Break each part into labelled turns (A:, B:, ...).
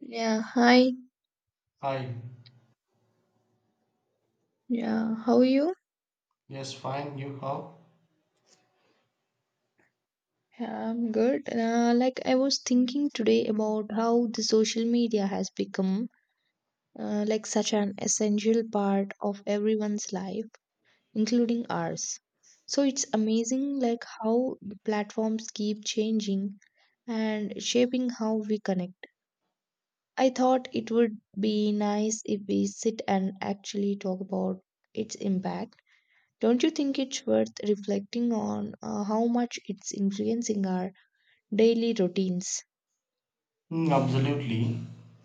A: Yeah, hi.
B: Hi.
A: Yeah, how are you?
B: Yes, fine. You how?
A: Yeah, I'm good. Like I was thinking today about how the social media has become like such an essential part of everyone's life, including ours. So it's amazing like how the platforms keep changing and shaping how we connect. I thought it would be nice if we sit and actually talk about its impact. Don't you think it's worth reflecting on how much it's influencing our daily routines?
B: Mm, absolutely.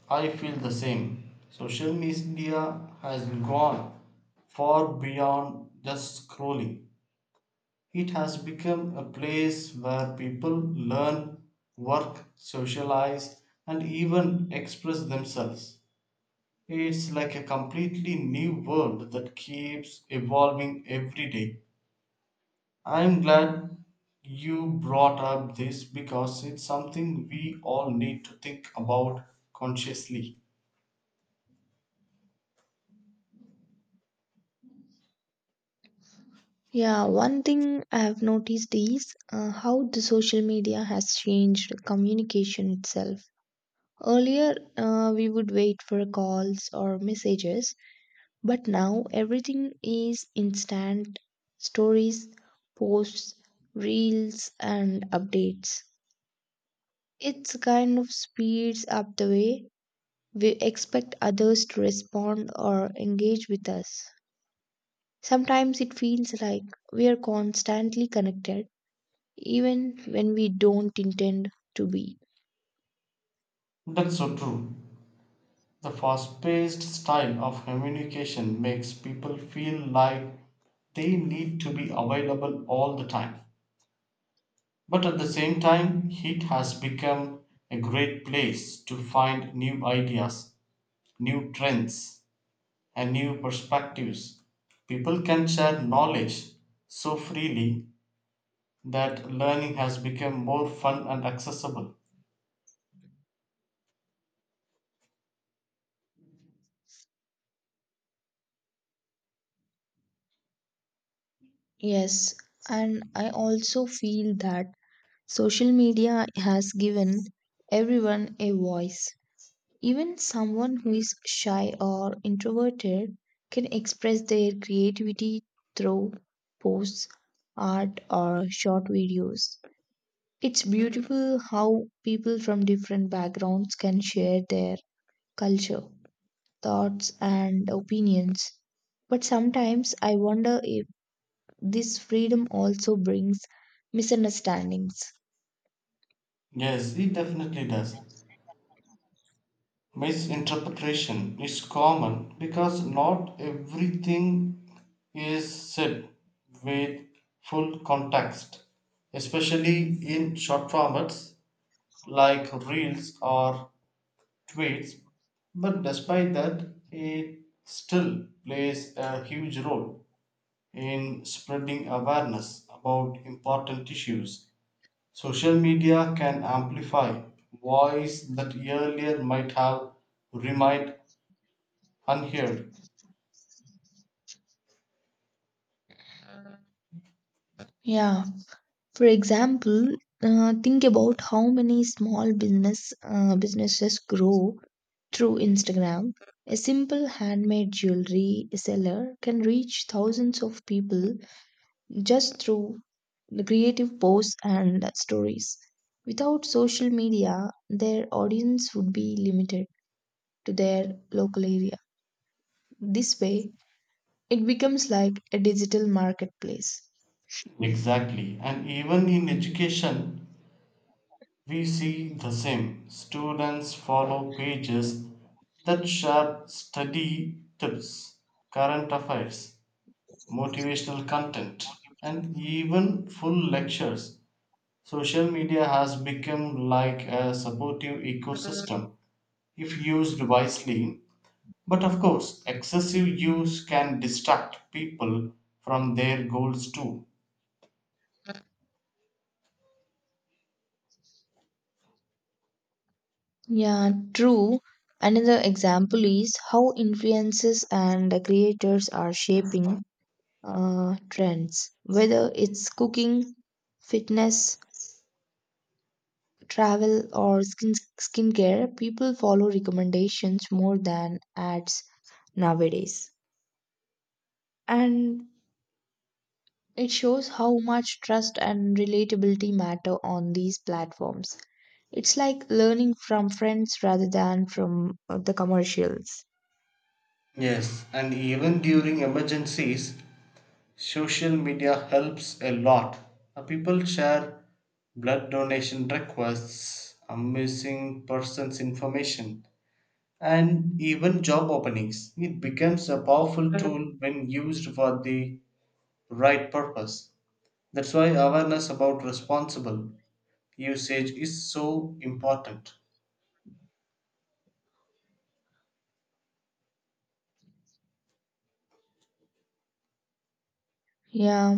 B: I feel the same. Social media has gone far beyond just scrolling. It has become a place where people learn, work, socialize, and even express themselves. It's like a completely new world that keeps evolving every day. I'm glad you brought up this because it's something we all need to think about consciously.
A: Yeah, one thing I have noticed is how the social media has changed communication itself. Earlier, we would wait for calls or messages, but now everything is instant stories, posts, reels, and updates. It's kind of speeds up the way we expect others to respond or engage with us. Sometimes it feels like we are constantly connected, even when we don't intend to be.
B: That's so true. The fast paced style of communication makes people feel like they need to be available all the time. But at the same time, it has become a great place to find new ideas, new trends, and new perspectives. People can share knowledge so freely that learning has become more fun and accessible.
A: Yes, and I also feel that social media has given everyone a voice. Even someone who is shy or introverted can express their creativity through posts, art, or short videos. It's beautiful how people from different backgrounds can share their culture, thoughts, and opinions. But sometimes I wonder if this freedom also brings misunderstandings.
B: Yes, it definitely does. Misinterpretation is common because not everything is said with full context, especially in short formats like reels or tweets. But despite that, it still plays a huge role in spreading awareness about important issues. Social media can amplify voice that earlier might have remained unheard.
A: Yeah. For example, think about how many small business businesses grow through Instagram. A simple handmade jewelry seller can reach thousands of people just through the creative posts and stories. Without social media, their audience would be limited to their local area. This way, it becomes like a digital marketplace.
B: Exactly. And even in education, we see the same. Students follow pages that share study tips, current affairs, motivational content, and even full lectures. Social media has become like a supportive ecosystem if used wisely. But of course, excessive use can distract people from their goals too.
A: Yeah, true. Another example is how influencers and creators are shaping trends, whether it's cooking, fitness, travel or skincare, people follow recommendations more than ads nowadays. And it shows how much trust and relatability matter on these platforms. It's like learning from friends rather than from the commercials.
B: Yes, and even during emergencies, social media helps a lot. People share blood donation requests, a missing persons information, and even job openings. It becomes a powerful tool when used for the right purpose. That's why awareness about responsible usage is so important.
A: Yeah.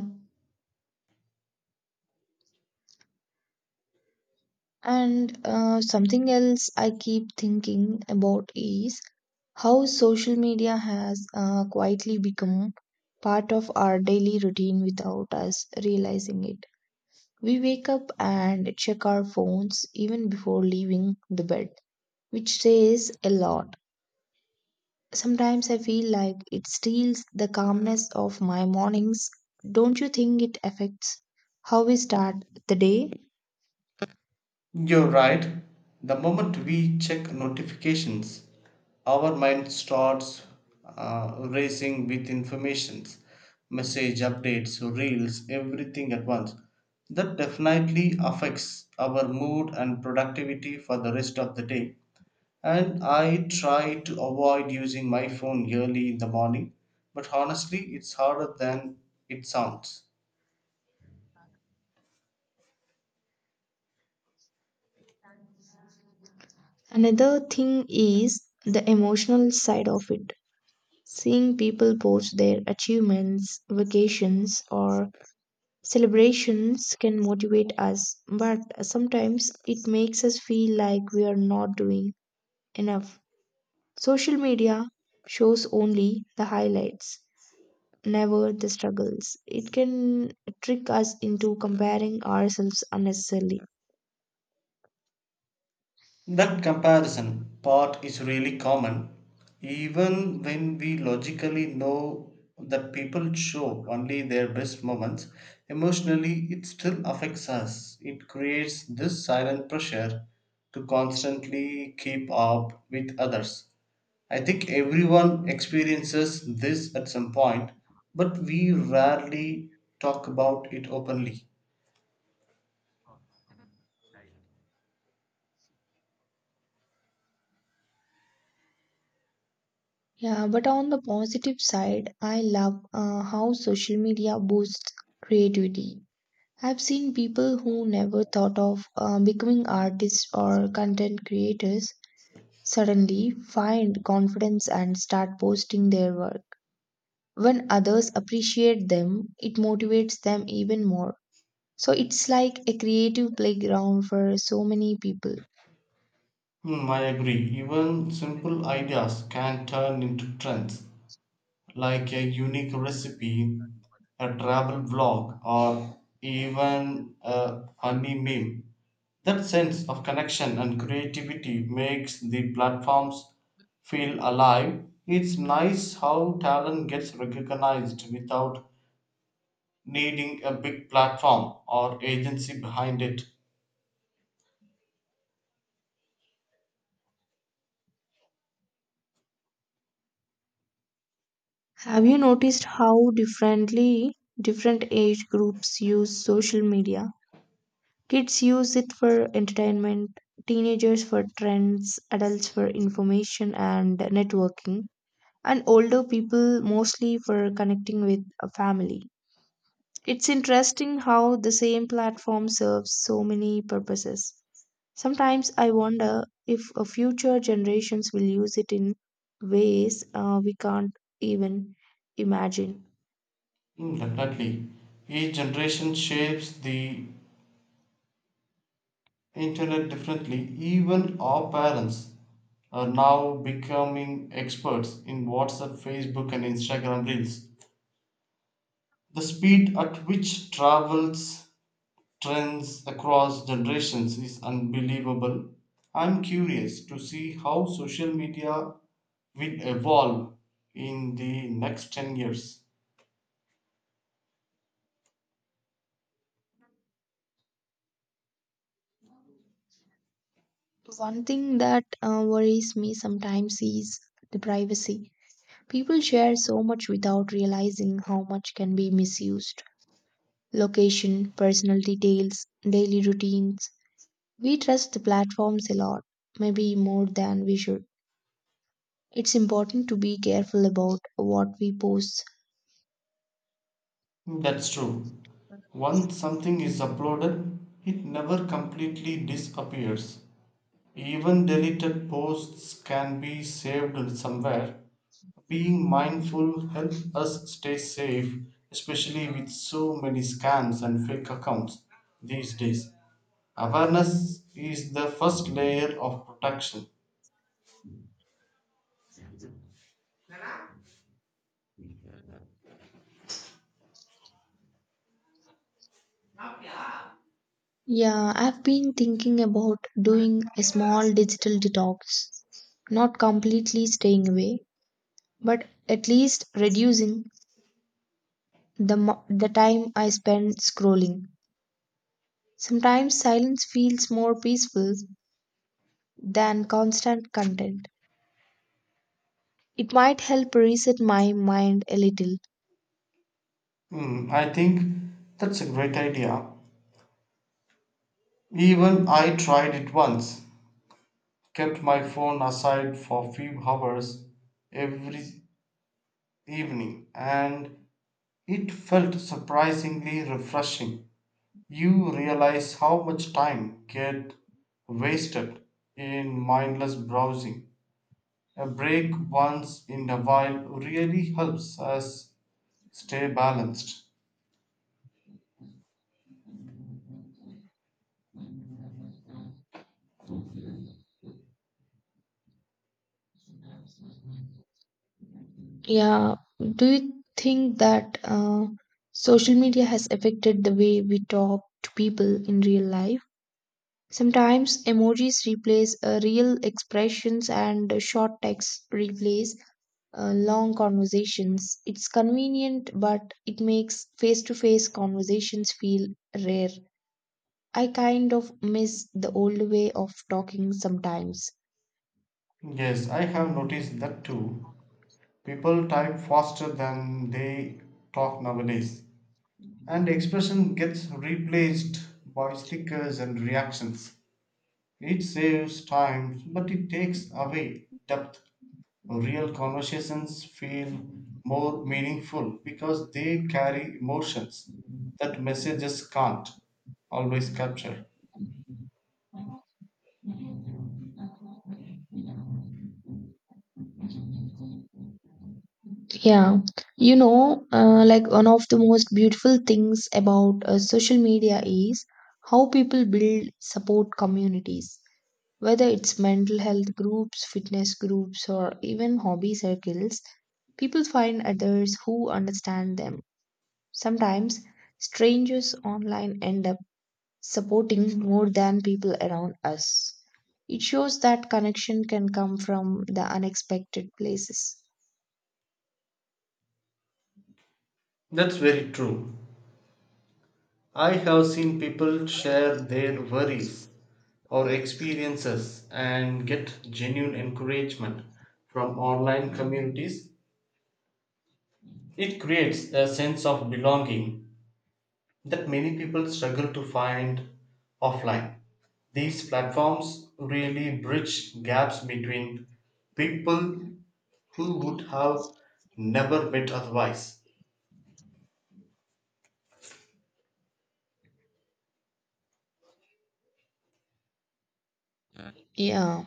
A: And something else I keep thinking about is how social media has quietly become part of our daily routine without us realizing it. We wake up and check our phones even before leaving the bed, which says a lot. Sometimes I feel like it steals the calmness of my mornings. Don't you think it affects how we start the day?
B: You're right. The moment we check notifications, our mind starts racing with informations, message updates, reels, everything at once. That definitely affects our mood and productivity for the rest of the day. And I try to avoid using my phone early in the morning, but honestly, it's harder than it sounds.
A: Another thing is the emotional side of it. Seeing people post their achievements, vacations, or celebrations can motivate us, but sometimes it makes us feel like we are not doing enough. Social media shows only the highlights, never the struggles. It can trick us into comparing ourselves unnecessarily.
B: That comparison part is really common, even when we logically know that people show only their best moments. Emotionally, it still affects us. It creates this silent pressure to constantly keep up with others. I think everyone experiences this at some point, but we rarely talk about it openly.
A: Yeah, but on the positive side, I love how social media boosts creativity. I've seen people who never thought of becoming artists or content creators suddenly find confidence and start posting their work. When others appreciate them, it motivates them even more. So it's like a creative playground for so many people.
B: Hmm, I agree. Even simple ideas can turn into trends like a unique recipe, a travel vlog, or even a funny meme. That sense of connection and creativity makes the platforms feel alive. It's nice how talent gets recognized without needing a big platform or agency behind it.
A: Have you noticed how differently different age groups use social media? Kids use it for entertainment, teenagers for trends, adults for information and networking, and older people mostly for connecting with a family. It's interesting how the same platform serves so many purposes. Sometimes I wonder if future generations will use it in ways we can't even imagine.
B: Mm, definitely. Each generation shapes the internet differently. Even our parents are now becoming experts in WhatsApp, Facebook, and Instagram Reels. The speed at which travels trends across generations is unbelievable. I'm curious to see how social media will evolve in the next 10 years.
A: One thing that worries me sometimes is the privacy. People share so much without realizing how much can be misused. Location, personal details, daily routines. We trust the platforms a lot, maybe more than we should. It's important to be careful about what we post.
B: That's true. Once something is uploaded, it never completely disappears. Even deleted posts can be saved somewhere. Being mindful helps us stay safe, especially with so many scams and fake accounts these days. Awareness is the first layer of protection.
A: Yeah, I've been thinking about doing a small digital detox, not completely staying away, but at least reducing the time I spend scrolling. Sometimes silence feels more peaceful than constant content. It might help reset my mind a little.
B: Hmm, I think that's a great idea. Even I tried it once. Kept my phone aside for a few hours every evening, and it felt surprisingly refreshing. You realize how much time get wasted in mindless browsing. A break once in a while really helps us stay balanced.
A: Yeah. Do you think that social media has affected the way we talk to people in real life? Sometimes emojis replace real expressions and short texts replace long conversations. It's convenient, but it makes face to face conversations feel rare. I kind of miss the old way of talking sometimes.
B: Yes, I have noticed that too. People type faster than they talk nowadays, and expression gets replaced by stickers and reactions. It saves time, but it takes away depth. Real conversations feel more meaningful because they carry emotions that messages can't always capture.
A: Yeah, you know, like one of the most beautiful things about social media is how people build support communities, whether it's mental health groups, fitness groups, or even hobby circles. People find others who understand them. Sometimes strangers online end up supporting more than people around us. It shows that connection can come from the unexpected places.
B: That's very true. I have seen people share their worries or experiences and get genuine encouragement from online communities. It creates a sense of belonging that many people struggle to find offline. These platforms really bridge gaps between people who would have never met otherwise.
A: Yeah.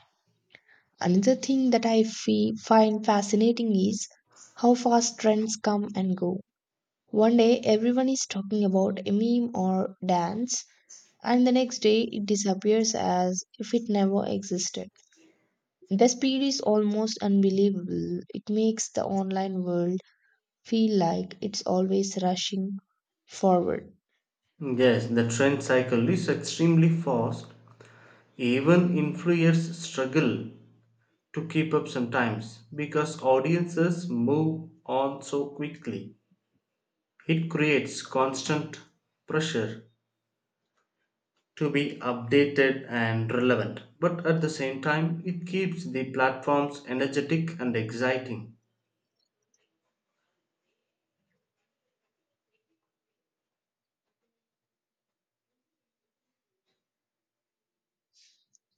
A: Another thing that find fascinating is how fast trends come and go. One day everyone is talking about a meme or dance, and the next day it disappears as if it never existed. The speed is almost unbelievable. It makes the online world feel like it's always rushing forward.
B: Yes, the trend cycle is extremely fast. Even influencers struggle to keep up sometimes because audiences move on so quickly. It creates constant pressure to be updated and relevant. But at the same time, it keeps the platforms energetic and exciting.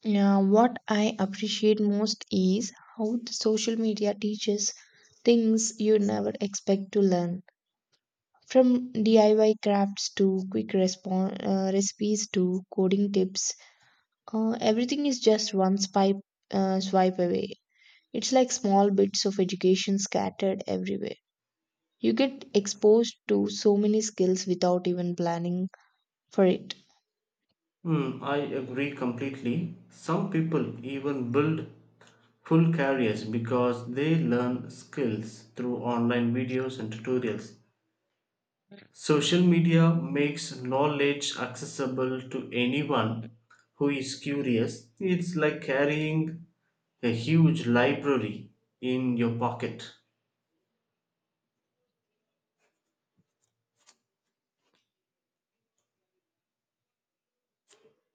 A: Now, what I appreciate most is how the social media teaches things you never expect to learn. From DIY crafts to quick respon recipes to coding tips, everything is just one swipe away. It's like small bits of education scattered everywhere. You get exposed to so many skills without even planning for it.
B: Hmm, I agree completely. Some people even build full careers because they learn skills through online videos and tutorials. Social media makes knowledge accessible to anyone who is curious. It's like carrying a huge library in your pocket.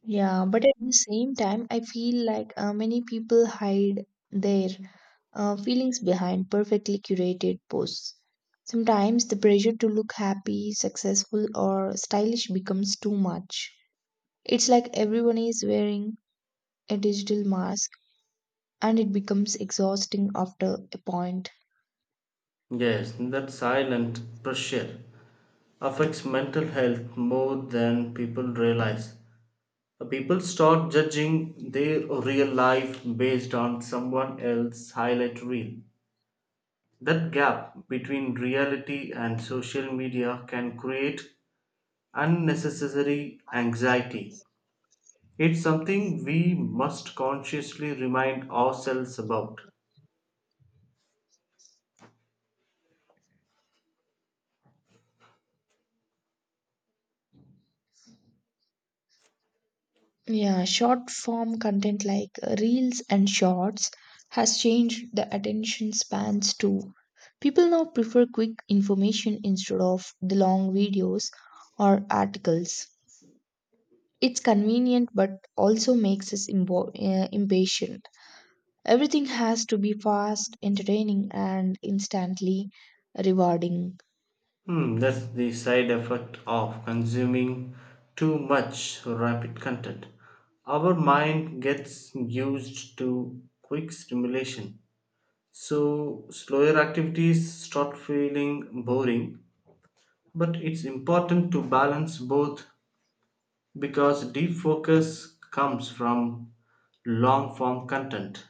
A: Yeah, but at the same time, I feel like many people hide their feelings behind perfectly curated posts. Sometimes the pressure to look happy, successful, or stylish becomes too much. It's like everyone is wearing a digital mask and it becomes exhausting after a point.
B: Yes, that silent pressure affects mental health more than people realize. People start judging their real life based on someone else's highlight reel. That gap between reality and social media can create unnecessary anxiety. It's something we must consciously remind ourselves about.
A: Yeah, short form content like reels and shorts has changed the attention spans too. People now prefer quick information instead of the long videos or articles. It's convenient but also makes us impatient. Everything has to be fast, entertaining, and instantly rewarding.
B: Hmm, that's the side effect of consuming too much rapid content. Our mind gets used to quick stimulation. So, slower activities start feeling boring. But it's important to balance both because deep focus comes from long form content.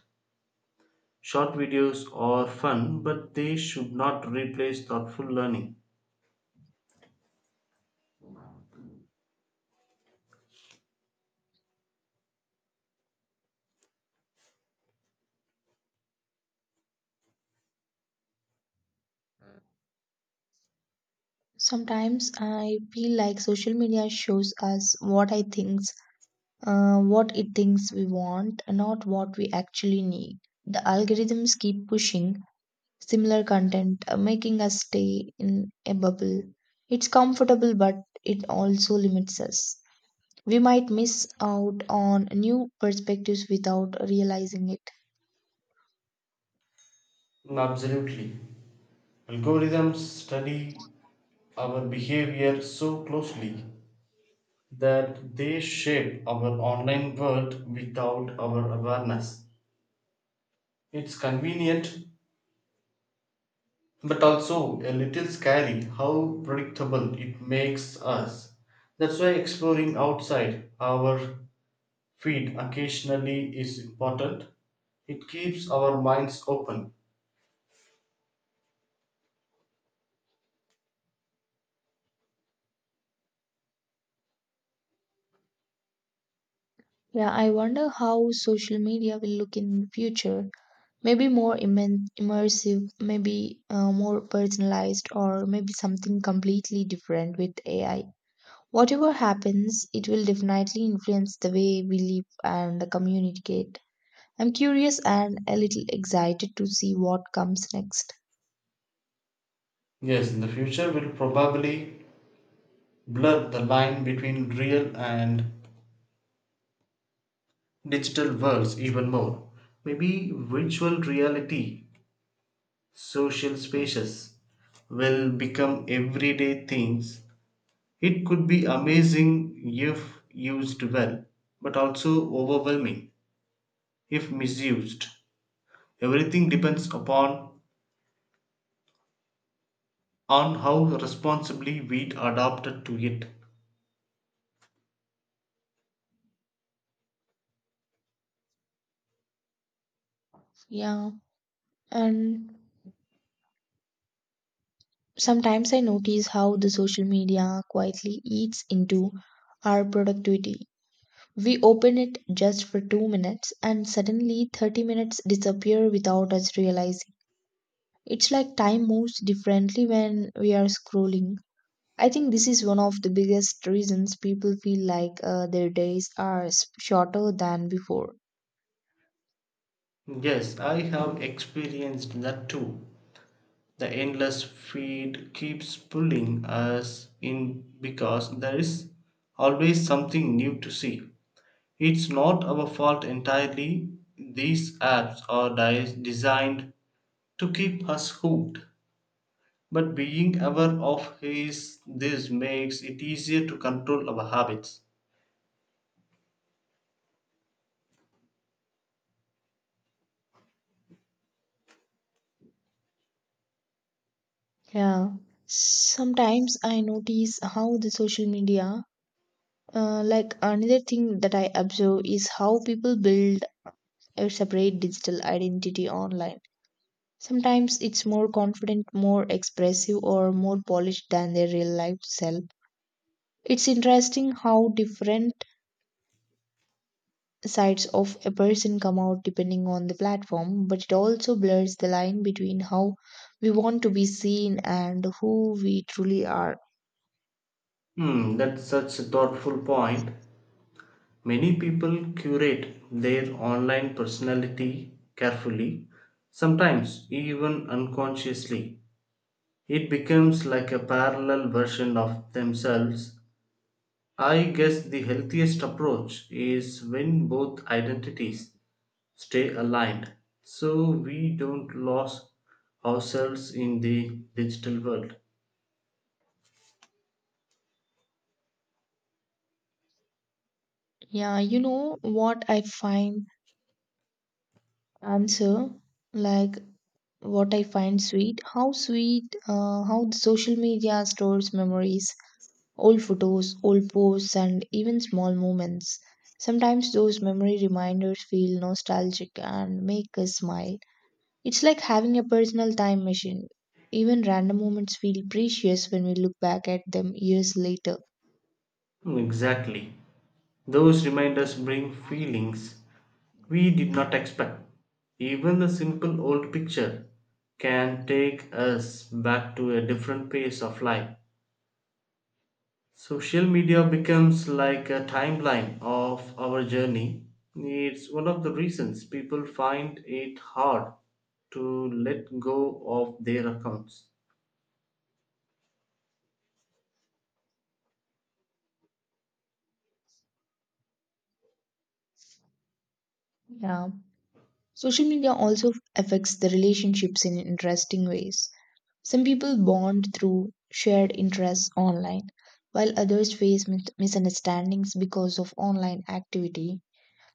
B: Short videos are fun, but they should not replace thoughtful learning.
A: Sometimes I feel like social media shows us what it thinks we want, not what we actually need. The algorithms keep pushing similar content, making us stay in a bubble. It's comfortable, but it also limits us. We might miss out on new perspectives without realizing it.
B: Absolutely. Algorithms study our behavior so closely that they shape our online world without our awareness. It's convenient but also a little scary how predictable it makes us. That's why exploring outside our feed occasionally is important. It keeps our minds open.
A: Yeah, I wonder how social media will look in the future. Maybe immersive, maybe more personalized, or maybe something completely different with AI. Whatever happens, it will definitely influence the way we live and communicate. I'm curious and a little excited to see what comes next.
B: Yes, in the future, we'll probably blur the line between real and digital worlds even more. Maybe virtual reality, social spaces will become everyday things. It could be amazing if used well, but also overwhelming if misused. Everything depends upon on how responsibly we adapt to it.
A: Yeah, and sometimes I notice how the social media quietly eats into our productivity. We open it just for 2 minutes and suddenly 30 minutes disappear without us realizing. It's like time moves differently when we are scrolling. I think this is one of the biggest reasons people feel like their days are shorter than before.
B: Yes, I have experienced that too. The endless feed keeps pulling us in because there is always something new to see. It's not our fault entirely. These apps are designed to keep us hooked. But being aware of his, this makes it easier to control our habits.
A: Yeah. Sometimes I notice how the social media, like Another thing that I observe is how people build a separate digital identity online. Sometimes it's more confident, more expressive, or more polished than their real life self. It's interesting how different sides of a person come out depending on the platform, but it also blurs the line between how we want to be seen and who we truly are.
B: Hmm, that's such a thoughtful point. Many people curate their online personality carefully, sometimes even unconsciously. It becomes like a parallel version of themselves. I guess the healthiest approach is when both identities stay aligned so we don't lose ourselves in the digital world.
A: Yeah, answer like what I find sweet, how the social media stores memories. Old photos, old posts, and even small moments. Sometimes those memory reminders feel nostalgic and make us smile. It's like having a personal time machine. Even random moments feel precious when we look back at them years later.
B: Hmm, exactly. Those reminders bring feelings we did not expect. Even a simple old picture can take us back to a different phase of life. Social media becomes like a timeline of our journey. It's one of the reasons people find it hard to let go of their accounts.
A: Yeah. Social media also affects the relationships in interesting ways. Some people bond through shared interests online, while others face misunderstandings because of online activity.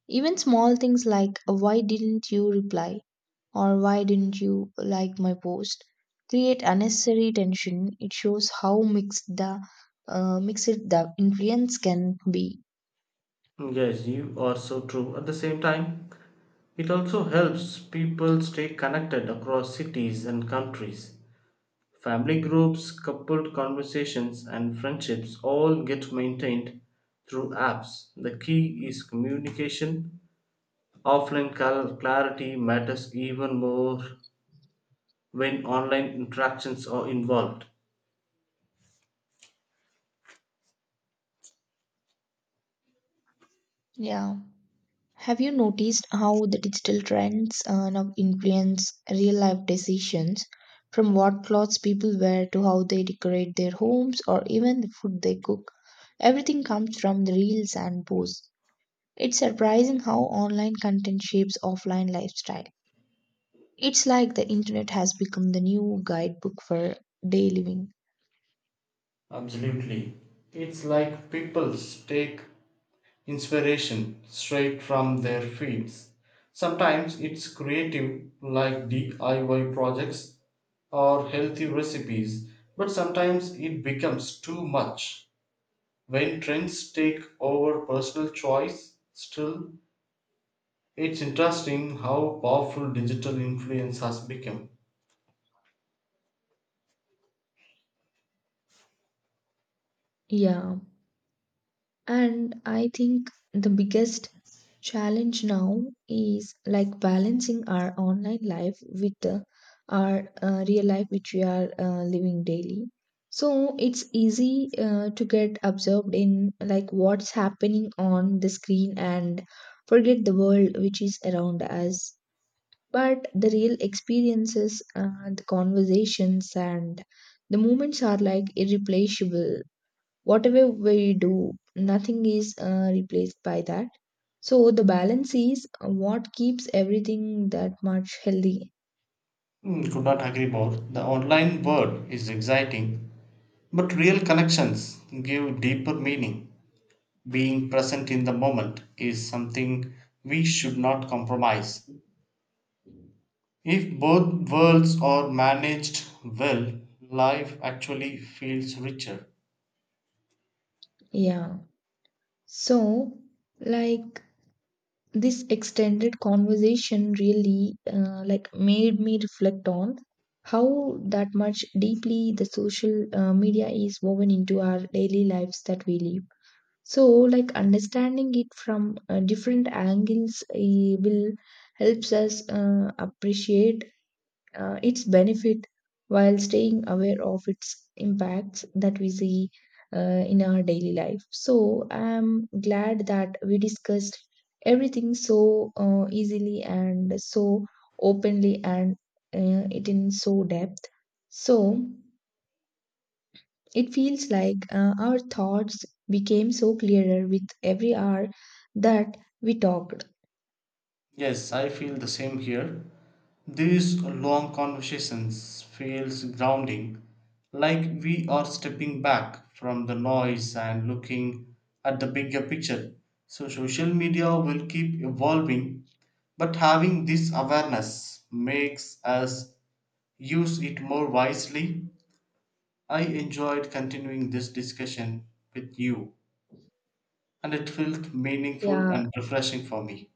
A: Even small things like why didn't you reply or why didn't you like my post create unnecessary tension. It shows how mixed the influence can be.
B: Yes, you are so true. At the same time, it also helps people stay connected across cities and countries. Family groups, coupled conversations, and friendships all get maintained through apps. The key is communication. Offline clarity matters even more when online interactions are involved.
A: Yeah. Have you noticed how the digital trends now influence real life decisions from what clothes people wear to how they decorate their homes or even the food they cook? Everything comes from the reels and posts. It's surprising how online content shapes offline lifestyle. It's like the internet has become the new guidebook for day living.
B: Absolutely. It's like people take inspiration straight from their fields. Sometimes it's creative, like DIY projects or healthy recipes, but sometimes it becomes too much. When trends take over personal choice, still, it's interesting how powerful digital influence has become.
A: Yeah, and I think the biggest challenge now is like balancing our online life with our real life, which we are living daily. So it's easy to get absorbed in like what's happening on the screen and forget the world which is around us. But the real experiences, the conversations, and the moments are like irreplaceable. Whatever we do, nothing is replaced by that. So the balance is what keeps everything that much healthy.
B: Hmm, could not agree more. The online world is exciting, but real connections give deeper meaning. Being present in the moment is something we should not compromise. If both worlds are managed well, life actually feels richer.
A: Yeah. So, like, this extended conversation really made me reflect on how that much deeply the social media is woven into our daily lives that we live. So, like understanding it from different angles will helps us appreciate its benefit while staying aware of its impacts that we see uh, in our daily life. So, I'm glad that we discussed everything so easily and so openly and it in so depth. So, it feels like our thoughts became so clearer with every hour that we talked.
B: Yes, I feel the same here. These long conversations feels grounding, like we are stepping back from the noise and looking at the bigger picture. So social media will keep evolving, but having this awareness makes us use it more wisely. I enjoyed continuing this discussion with you, and it felt meaningful
A: Yeah,
B: and refreshing for me.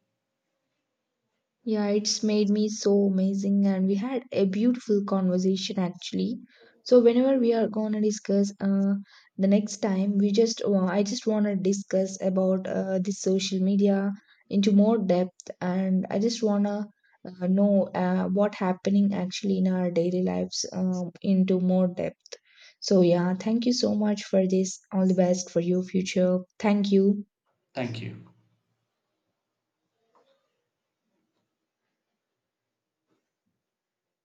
A: Yeah, it's made me so amazing, and we had a beautiful conversation actually. So whenever we are gonna discuss the next time, I just wanna discuss about this social media into more depth, and I just wanna know what happening actually in our daily lives into more depth. So yeah, thank you so much for this. All the best for your future. Thank you.
B: Thank you.